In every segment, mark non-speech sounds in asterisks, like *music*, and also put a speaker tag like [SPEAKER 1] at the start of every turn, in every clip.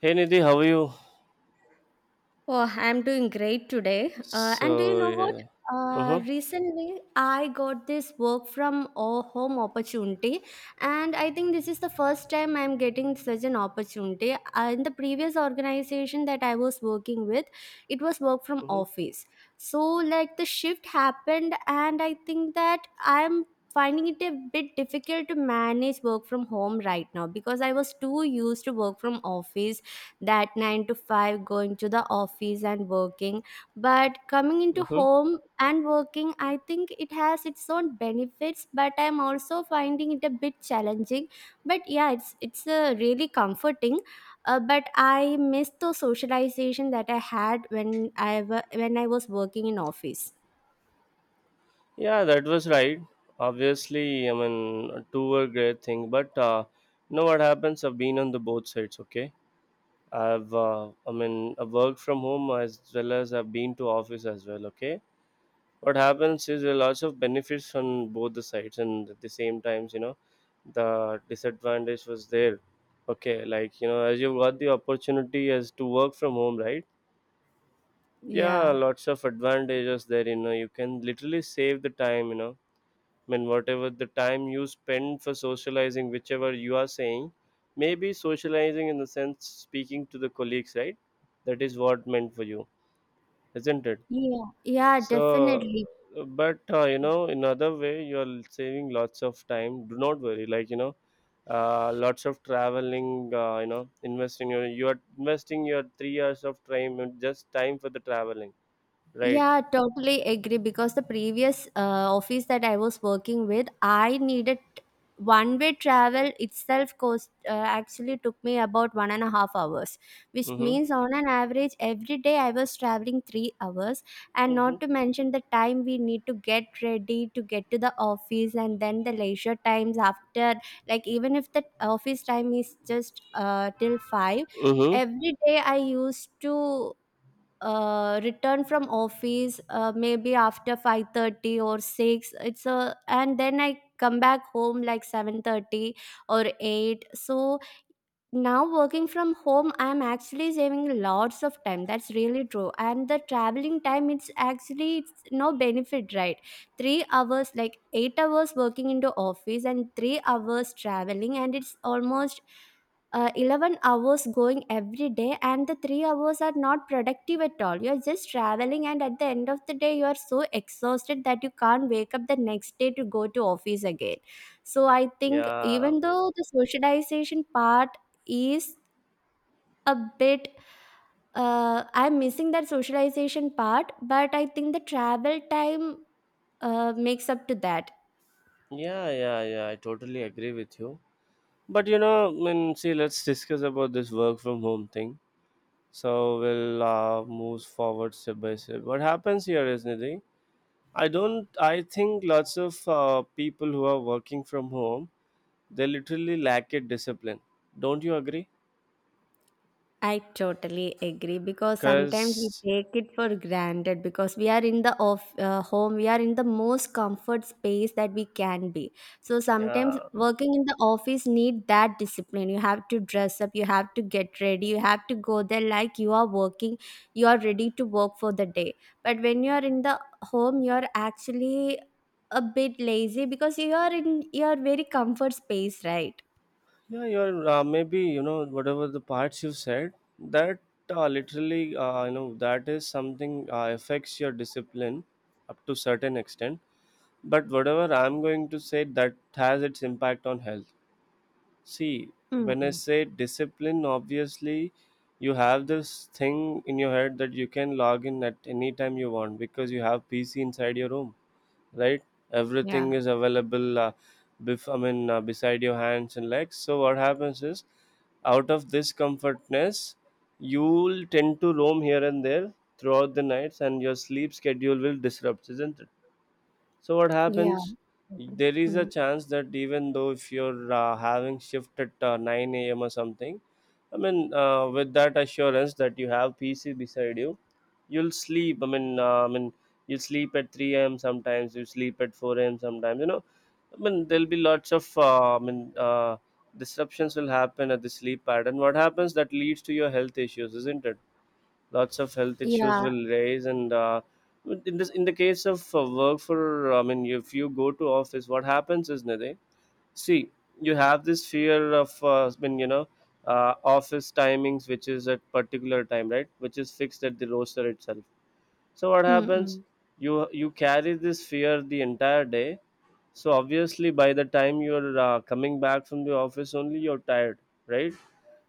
[SPEAKER 1] Hey Nidhi, how are you?
[SPEAKER 2] Oh, I'm doing great today. And do you
[SPEAKER 1] So
[SPEAKER 2] know what?
[SPEAKER 1] yeah, uh-huh,
[SPEAKER 2] Recently, I got this work from home opportunity, and I think this is the first time I'm getting such an opportunity. In the previous organization that I was working with, it was work from
[SPEAKER 1] uh-huh,
[SPEAKER 2] office. So, like, the shift happened, and I think that I'm finding it a bit difficult to manage work from home right now, because I was too used to work from office, that 9 to 5 going to the office and working. But coming into
[SPEAKER 1] uh-huh.
[SPEAKER 2] home and working, I think it has its own benefits, but I'm also finding it a bit challenging. But yeah, it's really comforting. But I miss the socialization that I had when when I was working in office.
[SPEAKER 1] Yeah, that was right. Obviously, I mean, two were great thing, but you know what happens? I've been on the both sides. Okay, I work from home as well as I've been to office as well. Okay, what happens is there are lots of benefits on both the sides, and at the same times, you know, the disadvantage was there. Okay, like you know, as you've got the opportunity as to work from home, right? Yeah,
[SPEAKER 2] Yeah.
[SPEAKER 1] lots of advantages there, you know, you can literally save the time, I mean whatever the time you spend for socializing, whichever you are saying, maybe socializing in the sense speaking to the colleagues, right? That is what meant for you, isn't it?
[SPEAKER 2] Yeah, yeah,
[SPEAKER 1] So
[SPEAKER 2] definitely.
[SPEAKER 1] but you know, in other way you are saving lots of time, do not worry, lots of traveling, you know, investing your you are investing your 3 hours of time and just time for the traveling, right?
[SPEAKER 2] Yeah, totally agree. Because the previous office that I was working with, I needed, one way travel itself cost, actually took me about 1.5 hours, which
[SPEAKER 1] mm-hmm.
[SPEAKER 2] means on an average every day I was traveling 3 hours, and
[SPEAKER 1] Mm-hmm.
[SPEAKER 2] not to mention the time we need to get ready to get to the office, and then the leisure times after. Like even if the office time is just till five,
[SPEAKER 1] Mm-hmm.
[SPEAKER 2] every day I used to return from office, maybe after 5:30 or 6. It's a, and then I come back home like 7:30 or 8. So now working from home, I'm actually saving lots of time. That's really true. And the traveling time, it's actually, it's no benefit, right? 3 hours, like 8 hours working into office and 3 hours traveling, and it's almost 11 hours going every day, and the 3 hours are not productive at all. You're just traveling, and at the end of the day you are so exhausted that you can't wake up the next day to go to office again. So I think
[SPEAKER 1] yeah,
[SPEAKER 2] even though the socialization part is a bit, I'm missing that socialization part, but I think the travel time makes up to that.
[SPEAKER 1] yeah. I totally agree with you. But you know, I mean, see, let's discuss about this work from home thing. So we'll move forward step by step. What happens here is Nidhi. I don't. I think lots of people who are working from home, they literally lack it discipline. Don't you agree?
[SPEAKER 2] I totally agree, because sometimes we
[SPEAKER 1] Because
[SPEAKER 2] take it for granted, because we are in the off home, we are in the most comfort space that we can be. So sometimes
[SPEAKER 1] yeah,
[SPEAKER 2] working in the office need that discipline. You have to dress up, you have to get ready, you have to go there, like you are working, you are ready to work for the day. But when you are in the home, you are actually a bit lazy, because you are in your very comfort space, right?
[SPEAKER 1] Yeah, you're maybe you know whatever the parts you said that literally you know, that is something affects your discipline up to certain extent. But whatever I'm going to say that has its impact on health. See,
[SPEAKER 2] Mm,
[SPEAKER 1] when I
[SPEAKER 2] mm.
[SPEAKER 1] say discipline, obviously you have this thing in your head that you can log in at any time you want because you have PC inside your room, right?
[SPEAKER 2] Yeah,
[SPEAKER 1] Everything is available, beside your hands and legs. So what happens is, out of this comfortness, you'll tend to roam here and there throughout the nights and your sleep schedule will disrupt, isn't it? So what
[SPEAKER 2] yeah.
[SPEAKER 1] happens?
[SPEAKER 2] Okay.
[SPEAKER 1] There is a
[SPEAKER 2] Mm.
[SPEAKER 1] chance that even though if you're having shift at 9 a.m. or something, I mean, with that assurance that you have PC beside you, you'll sleep. I mean, you sleep at 3 a.m. sometimes. You sleep at 4 a.m. sometimes. You know, I mean, there'll be lots of disruptions will happen at the sleep pattern. What happens that leads to your health issues, isn't it? Lots of health issues
[SPEAKER 2] Yeah.
[SPEAKER 1] will raise. And in the case of work for I mean if you go to office, what happens is, Nade, see, you have this fear of I mean, you know, office timings which is at particular time, right, which is fixed at the roster itself. So what happens,
[SPEAKER 2] Mm-mm.
[SPEAKER 1] you carry this fear the entire day. So obviously by the time you're coming back from the office, only you're tired, right?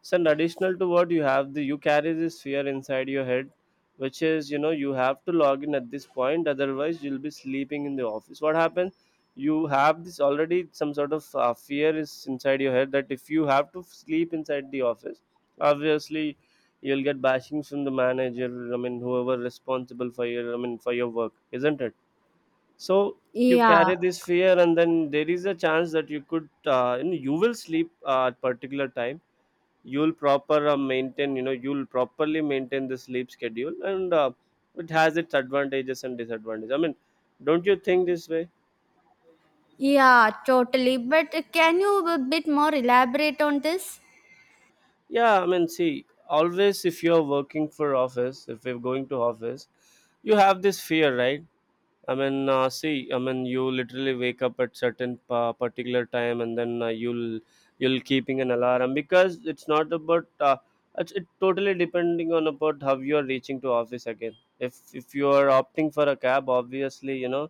[SPEAKER 1] So, and additional to what you have, the you carry this fear inside your head, which is, you know, you have to log in at this point, otherwise you'll be sleeping in the office. What happens? You have this already some sort of fear is inside your head that if you have to sleep inside the office, obviously you'll get bashings from the manager. I mean, whoever responsible for your, I mean, for your work, isn't it? So you
[SPEAKER 2] Yeah,
[SPEAKER 1] carry this fear, and then there is a chance that you could you know, you will sleep at particular time, you'll proper maintain you know you'll properly maintain the sleep schedule. And it has its advantages and disadvantages. I mean, don't you think this way?
[SPEAKER 2] yeah, totally. But can you a bit more elaborate on this?
[SPEAKER 1] Yeah, I mean, see, always if you're working for office, if you're going to office, you have this fear, right? I mean, see, I mean, you literally wake up at certain particular time, and then you'll keeping an alarm because it's not about it's it totally depending on about how you are reaching to office again. If you are opting for a cab, obviously, you know,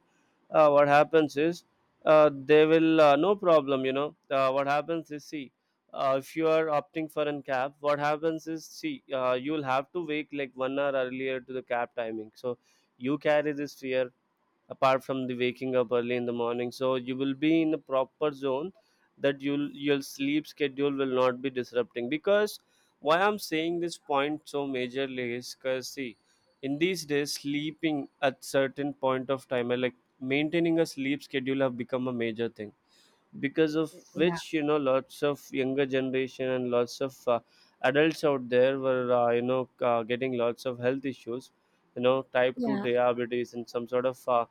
[SPEAKER 1] what happens is, they will, no problem. You know, what happens is, see, if you are opting for an cab, what happens is, see, you'll have to wake like 1 hour earlier to the cab timing. So you carry this fear apart from the waking up early in the morning, so you will be in a proper zone, that you'll your sleep schedule will not be disrupting. Because why I'm saying this point so majorly is because, see, in these days sleeping at certain point of time, like maintaining a sleep schedule have become a major thing, because of
[SPEAKER 2] Yeah.
[SPEAKER 1] which, you know, lots of younger generation and lots of adults out there were, you know, getting lots of health issues, you know, type 2
[SPEAKER 2] Yeah.
[SPEAKER 1] diabetes and some sort of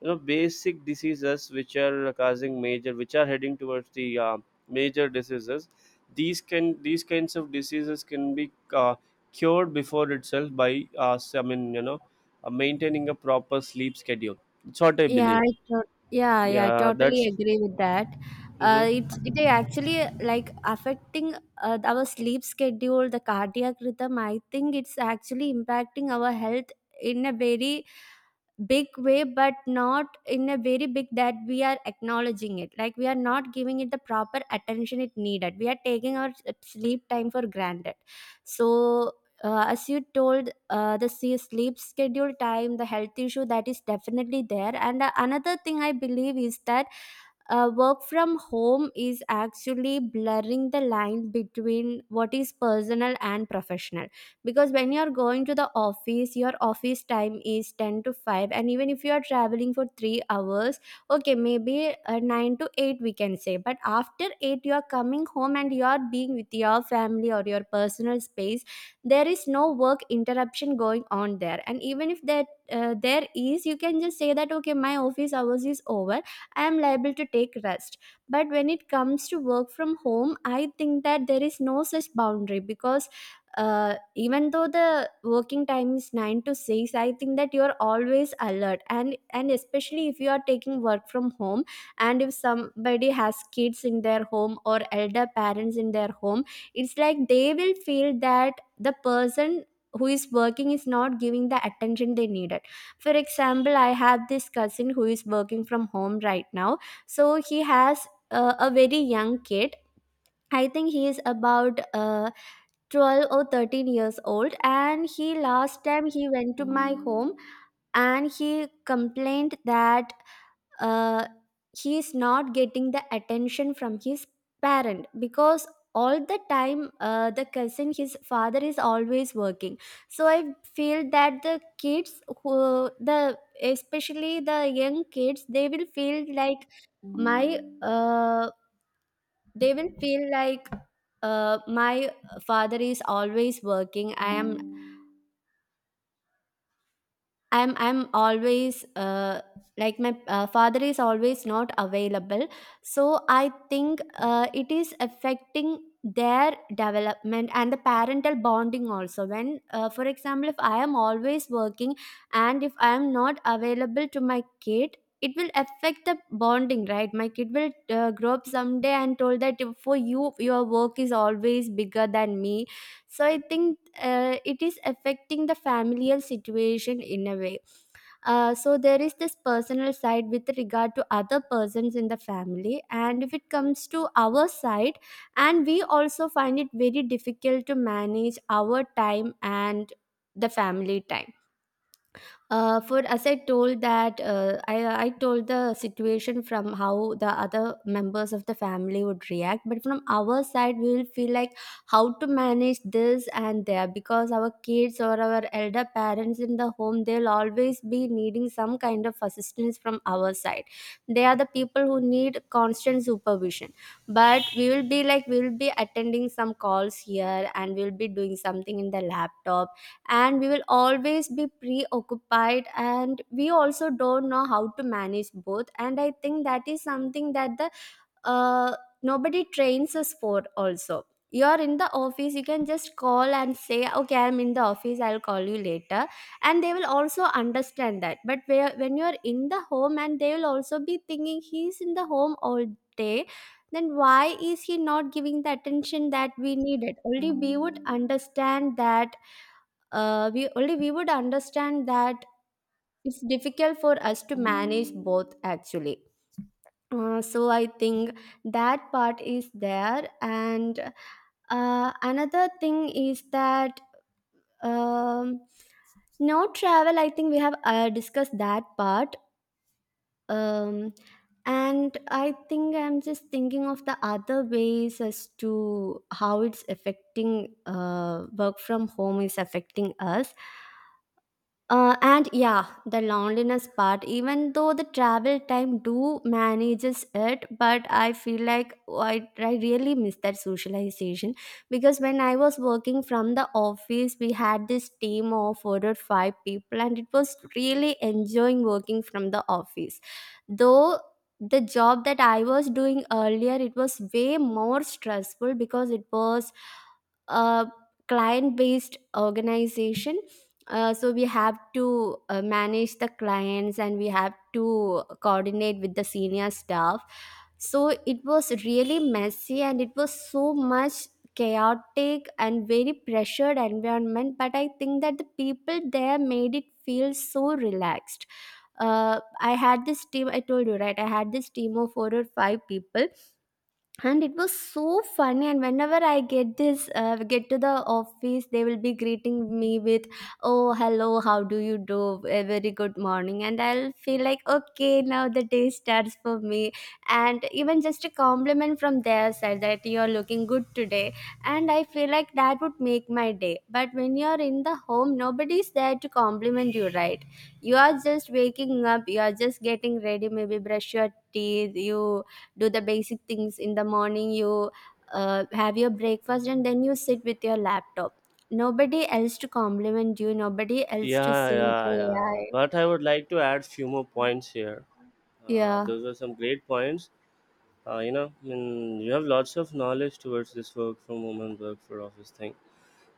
[SPEAKER 1] you know, basic diseases which are causing major, which are heading towards the major diseases. These can these kinds of diseases can be cured before itself by uh, s- i mean you know maintaining a proper sleep schedule. It's what I
[SPEAKER 2] Yeah,
[SPEAKER 1] believe.
[SPEAKER 2] I tot yeah, yeah, I
[SPEAKER 1] Yeah
[SPEAKER 2] totally
[SPEAKER 1] that's
[SPEAKER 2] agree with that.
[SPEAKER 1] hmm
[SPEAKER 2] It actually, like, affecting our sleep schedule, the cardiac rhythm. I think it's actually impacting our health in a very big way, but not in a very big that we are acknowledging it. Like we are not giving it the proper attention it needed. We are taking our sleep time for granted. So, as you told, the sleep schedule time, the health issue, that is definitely there. And another thing I believe is that work from home is actually blurring the line between what is personal and professional. Because when you are going to the office, your office time is 10 to 5, and even if you are traveling for 3 hours, okay, maybe 9 to 8 we can say. But after 8 you are coming home and you are being with your family or your personal space. There is no work interruption going on there, and even if that there is, you can just say that okay, my office hours is over, I am liable to take rest. But when it comes to work from home, I think that there is no such boundary, because even though the working time is 9 to 6, I think that you are always alert, and especially if you are taking work from home, and if somebody has kids in their home or elder parents in their home, it's like they will feel that the person who is working is not giving the attention they needed. For example, I have this cousin who is working from home right now. So he has a very young kid, I think he is about 12 or 13 years old. And he, last time he went to my home, and he complained that uh, he is not getting the attention from his parent, because all the time the cousin, his father is always working. So I feel that the kids who the especially the young kids, they will feel like my they will feel like my father is always working. I am I'm I'm always like my father is always not available. So I think it is affecting their development and the parental bonding also. When, for example, if I am always working and if I am not available to my kid, it will affect the bonding, right? My kid will grow up someday and told that, for you, your work is always bigger than me. So I think it is affecting the familial situation in a way. So there is this personal side with regard to other persons in the family, and if it comes to our side, and we also find it very difficult to manage our time and the family time. For as I told that, I told the situation from how the other members of the family would react, but from our side we will feel like how to manage this. And there, because our kids or our elder parents in the home, they'll always be needing some kind of assistance from our side. They are the people who need constant supervision, but we will be like, we will be attending some calls here, and we'll be doing something in the laptop, and we will always be preoccupied. And we also don't know how to manage both, and I think that is something that the uh, nobody trains us for also. You are in the office, you can just call and say, okay, I'm in the office, I'll call you later, and they will also understand that. But when you're in the home, and they will also be thinking, he's in the home all day, then why is he not giving the attention that we needed? Only we would understand that. We would understand that, it's difficult for us to manage both actually. So I think that part is there. And another thing is that, um, no travel, I think we have discussed that part. um, and I think I'm just thinking of the other ways as to how it's affecting work from home is affecting us. And yeah, the loneliness part, even though the travel time do manages it, but I feel like I really miss that socialization. Because when I was working from the office, we had this team of four or five people, and it was really enjoying working from the office. Though the job that I was doing earlier, it was way more stressful because it was a client based organization. So we have to manage the clients, and we have to coordinate with the senior staff. So it was really messy, and it was so much chaotic and very pressured environment. But I think that the people there made it feel so relaxed. I had this team, I told you, right? I had this team of four or five people, and it was so funny. And whenever I get to the office, they will be greeting me with, oh hello, how do you do, a very good morning. And I'll feel like, okay, now the day starts for me. And even just a compliment from their side that you're looking good today, and I feel like that would make my day. But when you're in the home, nobody's there to compliment you, right? You are just waking up, you are just getting ready, maybe brush your teeth, you do the basic things in the morning, you have your breakfast and then you sit with your laptop. Nobody else to compliment you, nobody else to
[SPEAKER 1] yeah,
[SPEAKER 2] say hey. I
[SPEAKER 1] but I would like to add few more points here.
[SPEAKER 2] Yeah,
[SPEAKER 1] Those are some great points. You know, I mean, you have lots of knowledge towards this work from home and work for office thing.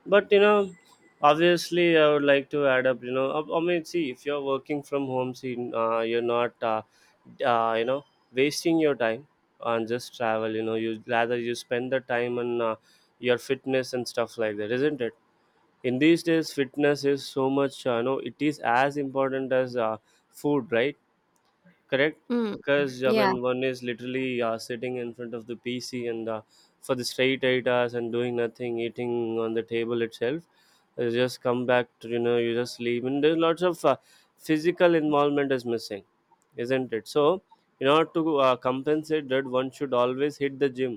[SPEAKER 1] But you know, obviously I would like to add up, you know, I mean, see, if you're working from home, see, you're not you know, wasting your time on just travel. You know, you spend the time on your fitness and stuff like that, isn't it? In these days fitness is so much, you know, it is as important as food, right? Correct.
[SPEAKER 2] mm.
[SPEAKER 1] Because, I
[SPEAKER 2] Yeah,
[SPEAKER 1] mean, one is literally sitting in front of the pc and for the straight 8 hours and doing nothing, eating on the table itself. You just come back to, you know, you just leave, and there's lots of physical involvement is missing, isn't it? So in order to compensate that, one should always hit the gym.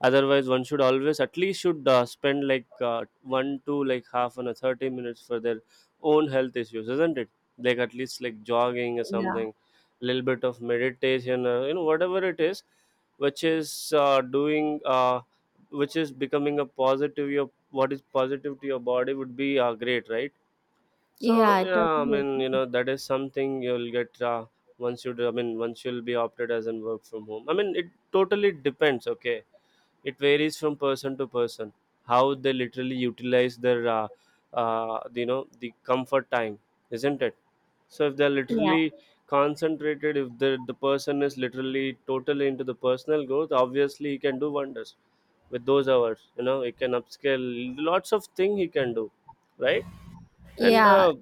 [SPEAKER 1] Otherwise one should always at least should spend like one to like half an hour, 30 minutes for their own health issues, isn't it? Like at least like jogging or
[SPEAKER 2] yeah,
[SPEAKER 1] something, little bit of meditation, you know, whatever it is, which is doing which is becoming a positive, your what is positive to your body would be great, right? So
[SPEAKER 2] yeah,
[SPEAKER 1] yeah, I
[SPEAKER 2] totally.
[SPEAKER 1] mean, you know, that is something you'll get once you do- I mean once you'll be opted as in work from home, I mean, it totally depends, okay? It varies from person to person, how they literally utilize their you know, the comfort time, isn't it? So if they're
[SPEAKER 2] Yeah,
[SPEAKER 1] literally concentrated, if the person is literally totally into the personal growth, obviously he can do wonders with those hours. You know, he can upscale lots of thing he can do, right? And
[SPEAKER 2] yeah,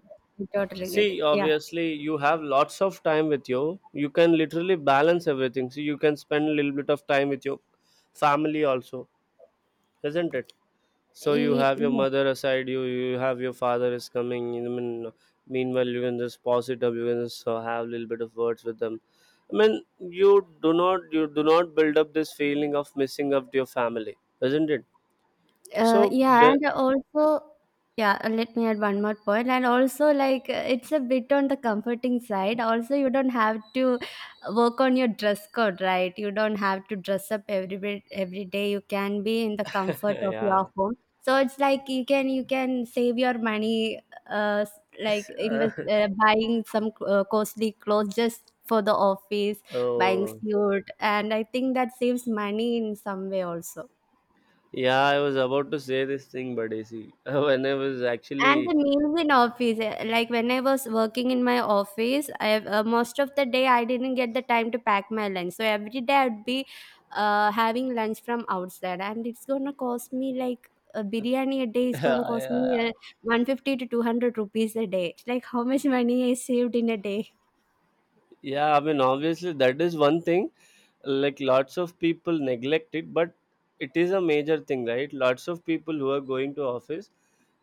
[SPEAKER 2] I totally get it.
[SPEAKER 1] see,
[SPEAKER 2] Yeah.
[SPEAKER 1] obviously you have lots of time with you, you can literally balance everything, so you can spend a little bit of time with your family also, isn't it? So you have your
[SPEAKER 2] Yeah.
[SPEAKER 1] mother aside, you have your father is coming. I mean, meanwhile you can just pause it up. You can just have a little bit of words with them. I mean, you do not build up this feeling of missing up to your family, isn't it? So
[SPEAKER 2] Yeah,
[SPEAKER 1] the
[SPEAKER 2] and also, yeah, let me add one more point. And also, like, it's a bit on the comforting side. Also, you don't have to work on your dress code, right? You don't have to dress up every day. You can be in the
[SPEAKER 1] *laughs*
[SPEAKER 2] comfort of
[SPEAKER 1] yeah.
[SPEAKER 2] your home. So it's like you can save your money, uh, s- like invest
[SPEAKER 1] *laughs*
[SPEAKER 2] buying some costly clothes just for the office, buying
[SPEAKER 1] oh
[SPEAKER 2] suit, and I think that saves money in some way also.
[SPEAKER 1] yeah, I was about to say this thing, but you see, *laughs* when I was
[SPEAKER 2] And
[SPEAKER 1] actually
[SPEAKER 2] the meals in office, like when I was working in my office, I most of the day I didn't get the time to pack my lunch. So every day I'd be having lunch from outside, and it's gonna cost me like a biryani a day
[SPEAKER 1] *laughs*
[SPEAKER 2] is gonna cost me
[SPEAKER 1] I,
[SPEAKER 2] 150 to 200 rupees a day. It's like how much *laughs* money I saved in a day.
[SPEAKER 1] yeah, I mean, obviously, that is one thing. Like, lots of people neglect it, but it is a major thing, right? Lots of people who are going to office,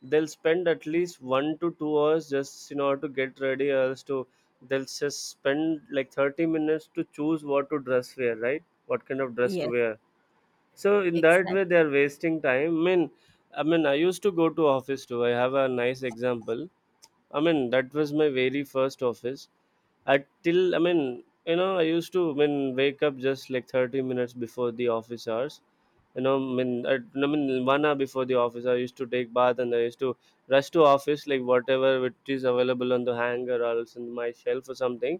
[SPEAKER 1] they'll spend at least 1 to 2 hours just in order to get ready, or else to they'll just spend like 30 minutes to choose what to dress wear, right? What kind of dress
[SPEAKER 2] Yes,
[SPEAKER 1] to wear. So in that way,
[SPEAKER 2] exactly.
[SPEAKER 1] they are wasting time. I mean, I used to go to office too. I have a nice example. I mean, that was my very first office at till I mean, I used to, I mean, wake up just like 30 minutes before the office hours. I mean one hour before the office. I used to take bath, and I used to rush to office like whatever which is available on the hanger or else in my shelf or something.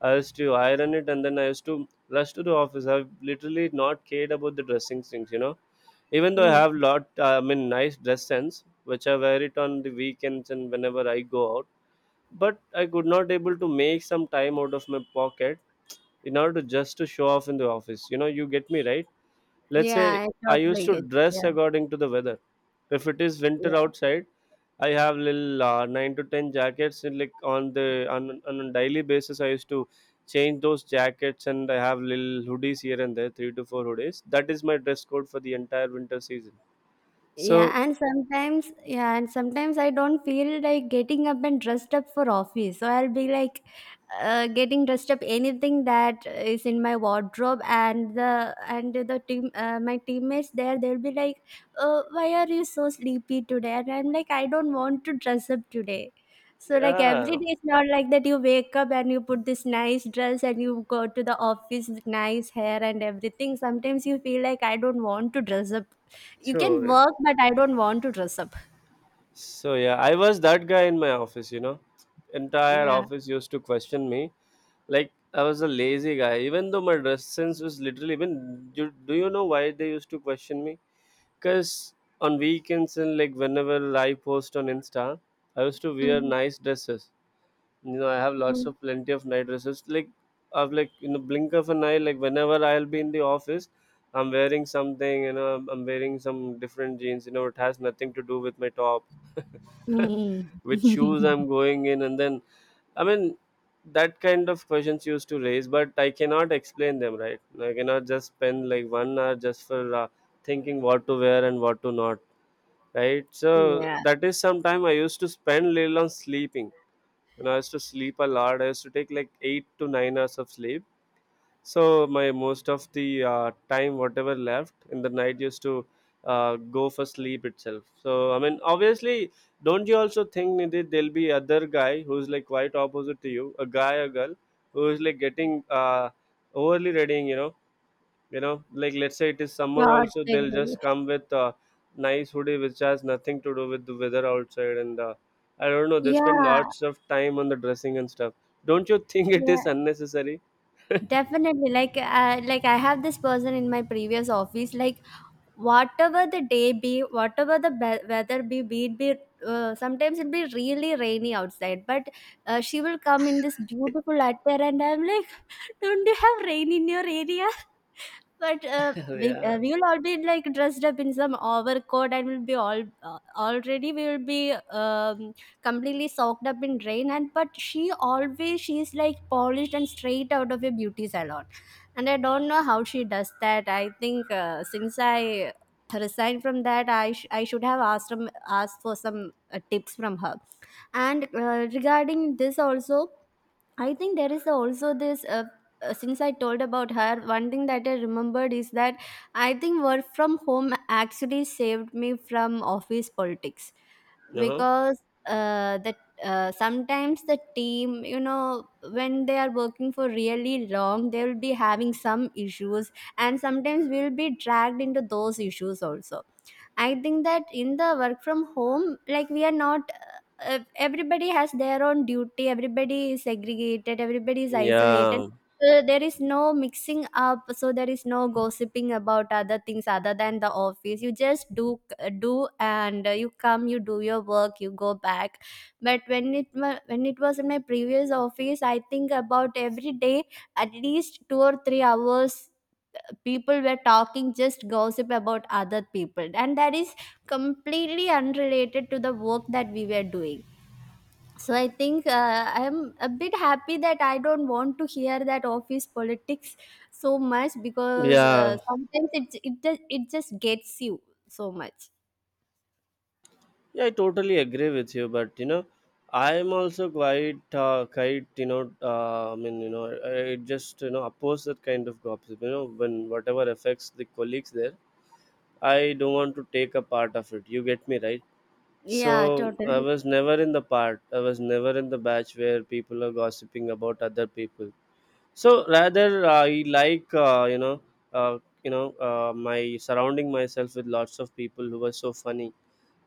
[SPEAKER 1] I used to iron it, and then I used to rush to the office. I've literally not cared about the dressing things, even though I
[SPEAKER 2] Mm.
[SPEAKER 1] have lot I mean nice dress sense which I wear it on the weekends and whenever I go. But I could not able to make some time out of my pocket in order to just to show off in the office. You know, you get me right. Let's say
[SPEAKER 2] Yeah, I
[SPEAKER 1] I used
[SPEAKER 2] totally
[SPEAKER 1] to
[SPEAKER 2] get.
[SPEAKER 1] dress
[SPEAKER 2] Yeah,
[SPEAKER 1] according to the weather. If it is winter
[SPEAKER 2] yeah.
[SPEAKER 1] outside, I have little nine to ten jackets. And like on the on a daily basis, I used to change those jackets, and I have little hoodies here and there, three to four hoodies. That is my dress code for the entire winter season. So
[SPEAKER 2] Yeah, and sometimes I don't feel like getting up and dressed up for office. So I'll be like getting dressed up anything that is in my wardrobe, and the team, my teammates there, they'll be like, "Oh, why are you so sleepy today?" And I'm like, "I don't want to dress up today." So like every
[SPEAKER 1] yeah,
[SPEAKER 2] day, it's not like that. You wake up and you put this nice dress and you go to the office with nice hair and everything. Sometimes you feel like I don't want to dress up, you
[SPEAKER 1] so
[SPEAKER 2] can work, but I don't want to dress up.
[SPEAKER 1] so yeah, I was that guy in my office, you know. Entire
[SPEAKER 2] Yeah.
[SPEAKER 1] office used to question me. Like I was a lazy guy, even though my dress sense was literally even do you know why they used to question me? Cause on weekends and like whenever I post on Insta, I used to wear
[SPEAKER 2] Mhm.
[SPEAKER 1] nice dresses. You know, I have lots
[SPEAKER 2] Mm.
[SPEAKER 1] of plenty of nice dresses. Like I've, like in the blink of an eye, like whenever I'll be in the office, I'm wearing something, you know, I'm wearing some different jeans, you know, it has nothing to do with my top *laughs*
[SPEAKER 2] Mm.
[SPEAKER 1] which shoes
[SPEAKER 2] *laughs*
[SPEAKER 1] I'm going in, and then I mean that kind of questions used to raise, but I cannot explain them right. I cannot just spend like one hour just for thinking what to wear and what to not. Right, so
[SPEAKER 2] Yeah,
[SPEAKER 1] that is some time I used to spend little on sleeping. You know, I used to sleep a lot. I used to take like 8 to 9 hours of sleep, so my most of the time, whatever left in the night, used to go for sleep itself. So I mean, obviously, don't you also think, Nidhi, there'll be other guy who's like quite opposite to you, a guy or girl who is like getting overly readying, you know, like let's say it is summer also, they'll
[SPEAKER 2] totally.
[SPEAKER 1] just come with a nice hoodie which has nothing to do with the weather outside, and I don't know, they
[SPEAKER 2] Yeah,
[SPEAKER 1] spend lots of time on the dressing and stuff. Don't you *laughs* think it is
[SPEAKER 2] yeah,
[SPEAKER 1] unnecessary? *laughs*
[SPEAKER 2] definitely. Like I have this person in my previous office. Like, whatever the day be, weather be it be. Sometimes it'll be really rainy outside, but she will come in this beautiful attire, and I'm like, *laughs* "Don't you have rain in your area?" But
[SPEAKER 1] Yeah.
[SPEAKER 2] we will all be like dressed up in some overcoat and we'll be all already we will be completely soaked up in rain, and but she always, she is like polished and straight out of a beauty salon, and I don't know how she does that. I think since I resigned from that, I should have asked for some tips from her. And regarding this also, I think there is also this. Since I told about her, one thing that I remembered is that I think work from home actually saved me from office politics,
[SPEAKER 1] Uh-huh.
[SPEAKER 2] because the sometimes the team, you know, when they are working for really long, they will be having some issues, and sometimes we will be dragged into those issues also. I think that in the work from home, like we are not, everybody has their own duty, everybody is segregated, everybody is isolated.
[SPEAKER 1] Yeah,
[SPEAKER 2] So there is no mixing up, so there is no gossiping about other things other than the office. You just do do, and you come, you do your work, you go back. But when it was in my previous office, I think about every day at least 2 or 3 hours people were talking just gossip about other people, and that is completely unrelated to the work that we were doing. So I think I am a bit happy that I don't want to hear that office politics so much, because
[SPEAKER 1] yeah,
[SPEAKER 2] sometimes it just gets you so much.
[SPEAKER 1] yeah, I totally agree with you, but you know, I'm also quite, quite, you know, I mean, you know, I just, you know, oppose that kind of gossip. You know, when whatever affects the colleagues there, I don't want to take a part of it. You get me right?
[SPEAKER 2] Yeah,
[SPEAKER 1] So I
[SPEAKER 2] totally.
[SPEAKER 1] was never in the part. I was never in the batch where people are gossiping about other people. So rather, I like, you know, my surrounding myself with lots of people who were so funny,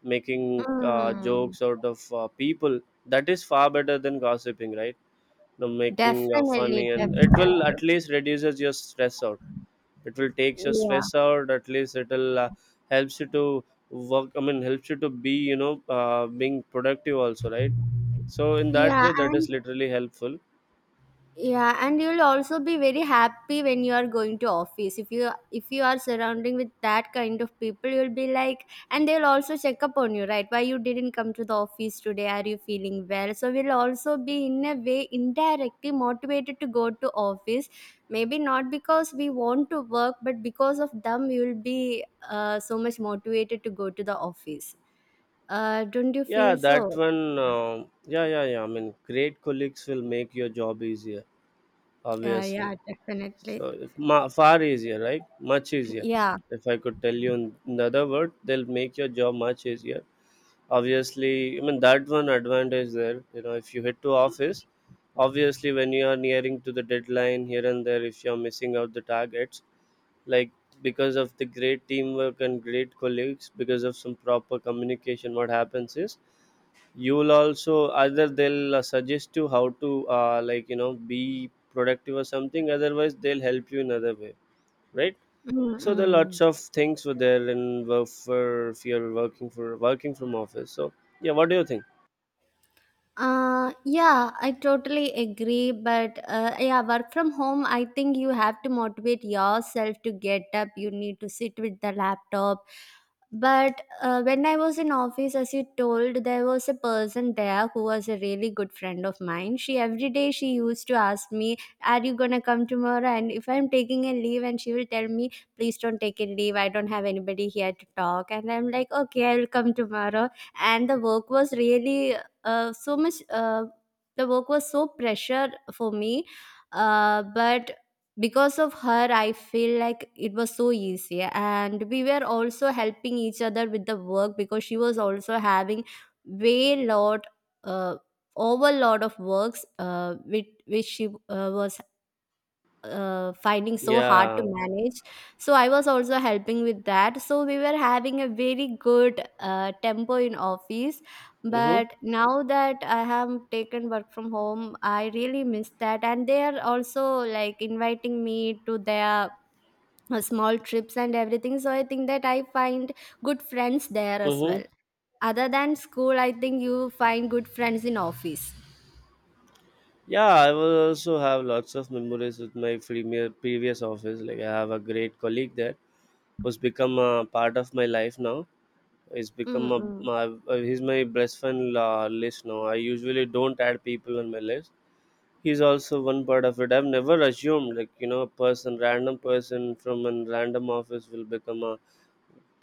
[SPEAKER 1] making
[SPEAKER 2] Mm,
[SPEAKER 1] jokes out of people. That is far better than gossiping, right? You know, making
[SPEAKER 2] definitely,
[SPEAKER 1] funny, and it
[SPEAKER 2] definitely.
[SPEAKER 1] will at least reduces your stress out. It will takes your
[SPEAKER 2] Yeah,
[SPEAKER 1] stress out, at least it will helps you to work, I mean helps you to be, you know, being productive also, right? So in that
[SPEAKER 2] yeah,
[SPEAKER 1] way, that is
[SPEAKER 2] and
[SPEAKER 1] literally helpful.
[SPEAKER 2] yeah, and you'll also be very happy when you are going to office. If you are surrounding with that kind of people, you'll be like, and they'll also check up on you, right? Why you didn't come to the office today, are you feeling well? So we'll also be in a way indirectly motivated to go to office, maybe not because we want to work, but because of them we will be so much motivated to go to the office. Don't you
[SPEAKER 1] Yeah,
[SPEAKER 2] feel
[SPEAKER 1] that
[SPEAKER 2] so?
[SPEAKER 1] one, um, yeah, yeah, yeah, I mean great colleagues will make your job easier, obviously.
[SPEAKER 2] Yeah, definitely.
[SPEAKER 1] So it's far easier, right? Much
[SPEAKER 2] *clears throat*
[SPEAKER 1] easier.
[SPEAKER 2] Yeah.
[SPEAKER 1] If I could tell you in the other word, they'll make your job much easier. Obviously, I mean that one advantage there. You know, if you head to office, obviously when you are nearing to the deadline here and there, if you are missing out the targets, like because of the great teamwork and great colleagues, because of some proper communication, what happens is you will also, either they'll suggest you how to, like you know, be productive or something, otherwise they'll help you in other way, right? So there are lots
[SPEAKER 2] Mm-mm.
[SPEAKER 1] of things for there and work for if you're working for working from office. So yeah, what do you think?
[SPEAKER 2] Yeah, I totally agree. But yeah, work from home, I think you have to motivate yourself to get up. You need to sit with the laptop. But when I was in office, as you told, there was a person there who was a really good friend of mine. She every day she used to ask me, "Are you gonna come tomorrow?" And if I'm taking a leave, and she will tell me, "Please don't take a leave. I don't have anybody here to talk." And I'm like, "Okay, I will come tomorrow." And the work was really so much the work was so pressure for me, but because of her I feel like it was so easy, and we were also helping each other with the work, because she was also having way lot uh, overload of works, which she was finding so hard to
[SPEAKER 1] Yeah.
[SPEAKER 2] manage. So I was also helping with that, so we were having a very good tempo in office.
[SPEAKER 1] Mm-hmm.
[SPEAKER 2] But now that I have taken work from home, I really miss that, and they are also like inviting me to their small trips and everything, so I think that I find good friends there as well.
[SPEAKER 1] Mm-hmm.
[SPEAKER 2] Other than school, I think you find good friends in office.
[SPEAKER 1] Yeah, I will also have lots of memories with my premier previous office. Like I have a great colleague there. Was become a part of my life now. It's become a
[SPEAKER 2] Mm-mm.
[SPEAKER 1] my, he's my best friend list now. I usually don't add people on my list. He's also one part of it. I've never assumed, like you know, a person, random person from a random office will become a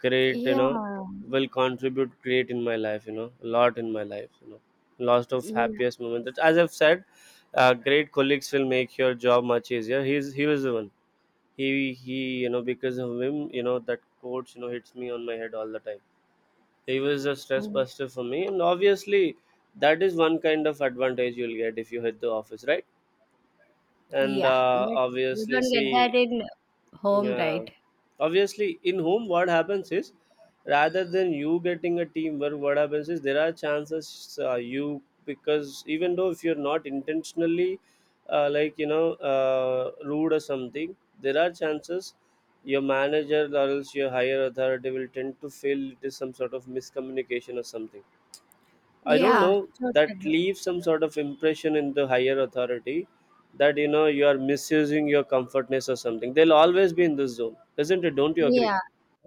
[SPEAKER 1] great, you
[SPEAKER 2] Yeah,
[SPEAKER 1] know, will contribute great in my life. You know, a lot in my life. You know lots of
[SPEAKER 2] yeah.
[SPEAKER 1] happiest moments. As I've said, great colleagues will make your job much easier. He was the one. He you know, because of him, you know, that quotes, you know, hits me on my head all the time. He was a stress buster for me, and obviously that is one kind of advantage you'll get if you hit the office, right? And
[SPEAKER 2] Yeah, but you
[SPEAKER 1] obviously
[SPEAKER 2] don't get that
[SPEAKER 1] see.
[SPEAKER 2] in home,
[SPEAKER 1] Yeah.
[SPEAKER 2] right?
[SPEAKER 1] Obviously, in home, what happens is rather than you getting a teamwork, what happens is there are chances, you, because even though if you're not intentionally like you know rude or something, there are chances your manager or else your higher authority will tend to feel it is some sort of miscommunication or something. I don't
[SPEAKER 2] Yeah,
[SPEAKER 1] know, that
[SPEAKER 2] totally.
[SPEAKER 1] leaves some sort of impression in the higher authority that you know you are misusing your comfortness or something. They'll always be in this zone, isn't it? Don't you agree?
[SPEAKER 2] Yeah.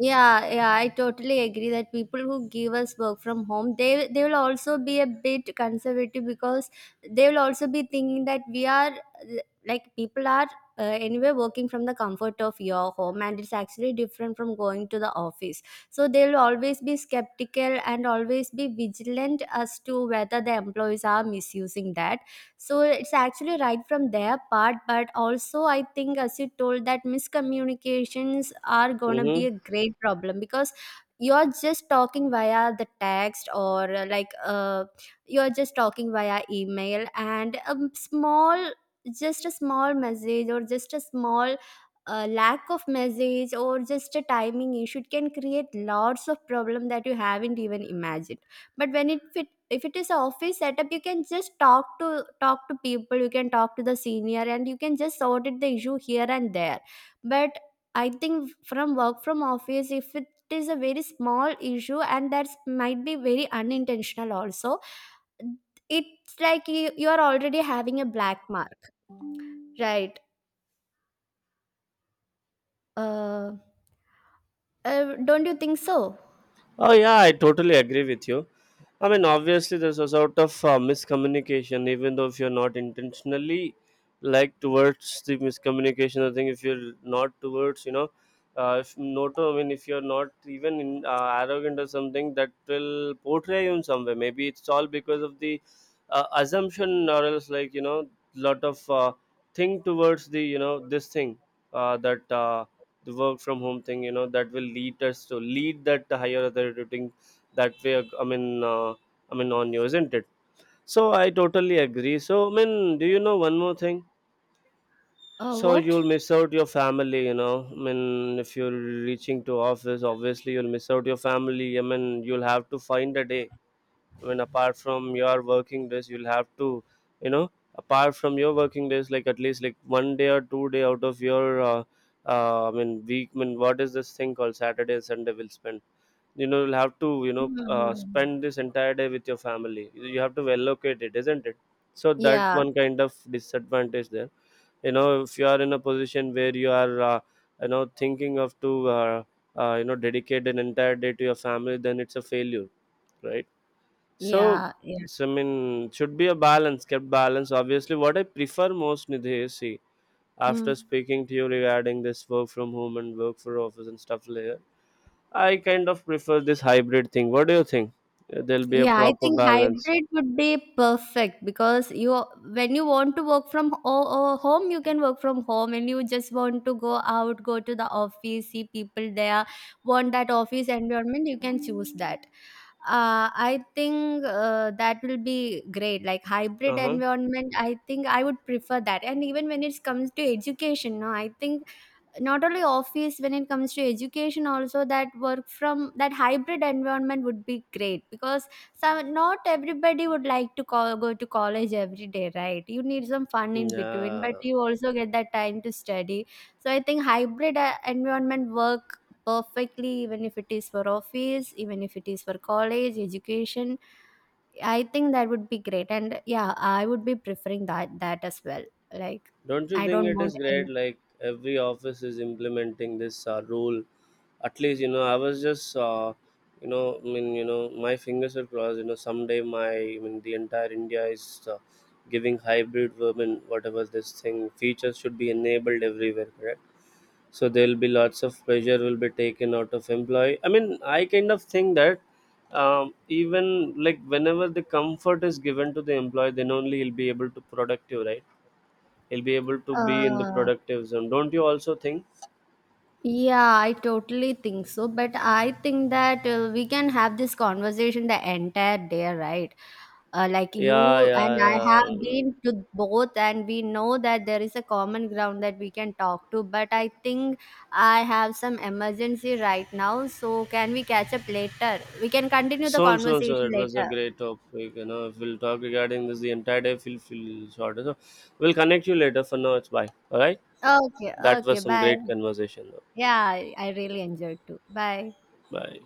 [SPEAKER 2] Yeah, yeah, I totally agree that people who give us work from home, they will also be a bit conservative, because they will also be thinking that we are like people are anyway working from the comfort of your home, and it's actually different from going to the office. So they will always be skeptical and always be vigilant as to whether the employees are misusing that. So it's actually right from their part, but also I think, as you told, that miscommunications are going to be
[SPEAKER 1] Mhm.
[SPEAKER 2] a great problem, because you're just talking via the text or like you're just talking via email, and a small, just a small message, or just a small lack of message, or just a timing issue, it can create lots of problem that you haven't even imagined. But if it is a office setup, you can just talk to people, you can talk to the senior, and you can just sort it the issue here and there. But I think from work from office, if it is a very small issue, and that might be very unintentional also, it's like you are already having a black mark, right? uh, don't you think so?
[SPEAKER 1] Oh yeah, I totally agree with you. I mean, obviously, there's a sort of miscommunication, even though if you're not intentionally like towards the miscommunication. I think if you're not towards, you know, if not, I mean, if you're not even in, arrogant or something, that will portray you in some way. Maybe it's all because of the assumption, or else like you know, lot of thing towards the you know this thing that the work from home thing, you know, that will lead us to lead that higher authority thing that way, I mean, I mean on you, isn't it? So I totally agree. So I mean, do you know one more thing? So
[SPEAKER 2] What?
[SPEAKER 1] you'll miss out your family, you know, I mean if you're reaching to office, obviously you'll miss out your family. I mean you'll have to find a day. I mean, apart from your working days, you'll have to, you know, apart from your working days, like at least like one day or 2 day out of your, I mean, week. I mean, what is this thing called Saturday and Sunday? Will spend. You know, you'll have to, you know,
[SPEAKER 2] Mhm.
[SPEAKER 1] spend this entire day with your family. You have to allocate it, isn't it? So that
[SPEAKER 2] Yeah,
[SPEAKER 1] one kind of disadvantage there. You know, if you are in a position where you are, you know, thinking of to, you know, dedicate an entire day to your family, then it's a failure, right? So,
[SPEAKER 2] yeah, yeah.
[SPEAKER 1] so, I mean, should be a balance, kept balance. Obviously, what I prefer most, Nidhi, is see, after
[SPEAKER 2] Mm.
[SPEAKER 1] speaking to you regarding this work from home and work for office and stuff later, I kind of prefer this hybrid thing. What do you think? There'll be a
[SPEAKER 2] Yeah, I
[SPEAKER 1] proper
[SPEAKER 2] think
[SPEAKER 1] balance.
[SPEAKER 2] hybrid would be perfect, because you, when you want to work from home, you can work from home, and you just want to go out, go to the office, see people there, want that office environment, you can choose that. I think that will be great. Like hybrid
[SPEAKER 1] Uh huh.
[SPEAKER 2] environment, I think I would prefer that. And even when it comes to education, no, I think not only office, when it comes to education also, that work from, that hybrid environment would be great, because some, not everybody would like to call, go to college every day, right? You need some fun in between, but
[SPEAKER 1] Yeah.
[SPEAKER 2] you also get that time to study. So I think hybrid environment work perfectly, even if it is for office, even if it is for college education. I think that would be great, and yeah, I would be preferring that, that as well. Like
[SPEAKER 1] Don't you
[SPEAKER 2] I
[SPEAKER 1] think
[SPEAKER 2] don't
[SPEAKER 1] it
[SPEAKER 2] want
[SPEAKER 1] is
[SPEAKER 2] any
[SPEAKER 1] great? Like every office is implementing this rule. At least you know I was just you know I mean you know my fingers are crossed. You know someday my I mean the entire India is giving hybrid women whatever this thing features should be enabled everywhere. Correct. So there will be lots of pressure will be taken out of employee. I mean I kind of think that even like whenever the comfort is given to the employee, then only he'll be able to productive, right? He'll be able to be in the
[SPEAKER 2] uh,
[SPEAKER 1] productive zone. Don't you also think?
[SPEAKER 2] Yeah, I totally think so. But I think that we can have this conversation the entire day, right? Like
[SPEAKER 1] Yeah,
[SPEAKER 2] you
[SPEAKER 1] yeah,
[SPEAKER 2] and I have
[SPEAKER 1] yeah.
[SPEAKER 2] been to both, and we know that there is a common ground that we can talk to. But I think I have some emergency right now. So, can we catch up later? We can continue the
[SPEAKER 1] So and so and so.
[SPEAKER 2] conversation
[SPEAKER 1] It was a
[SPEAKER 2] later.
[SPEAKER 1] great topic. You know, if we'll talk regarding this the entire day, feel shorter. So we'll connect you later. For now, it's bye. All right.
[SPEAKER 2] Okay,
[SPEAKER 1] That
[SPEAKER 2] okay,
[SPEAKER 1] was some great
[SPEAKER 2] bye.
[SPEAKER 1] conversation.
[SPEAKER 2] Yeah, I really enjoyed too. Bye.
[SPEAKER 1] Bye.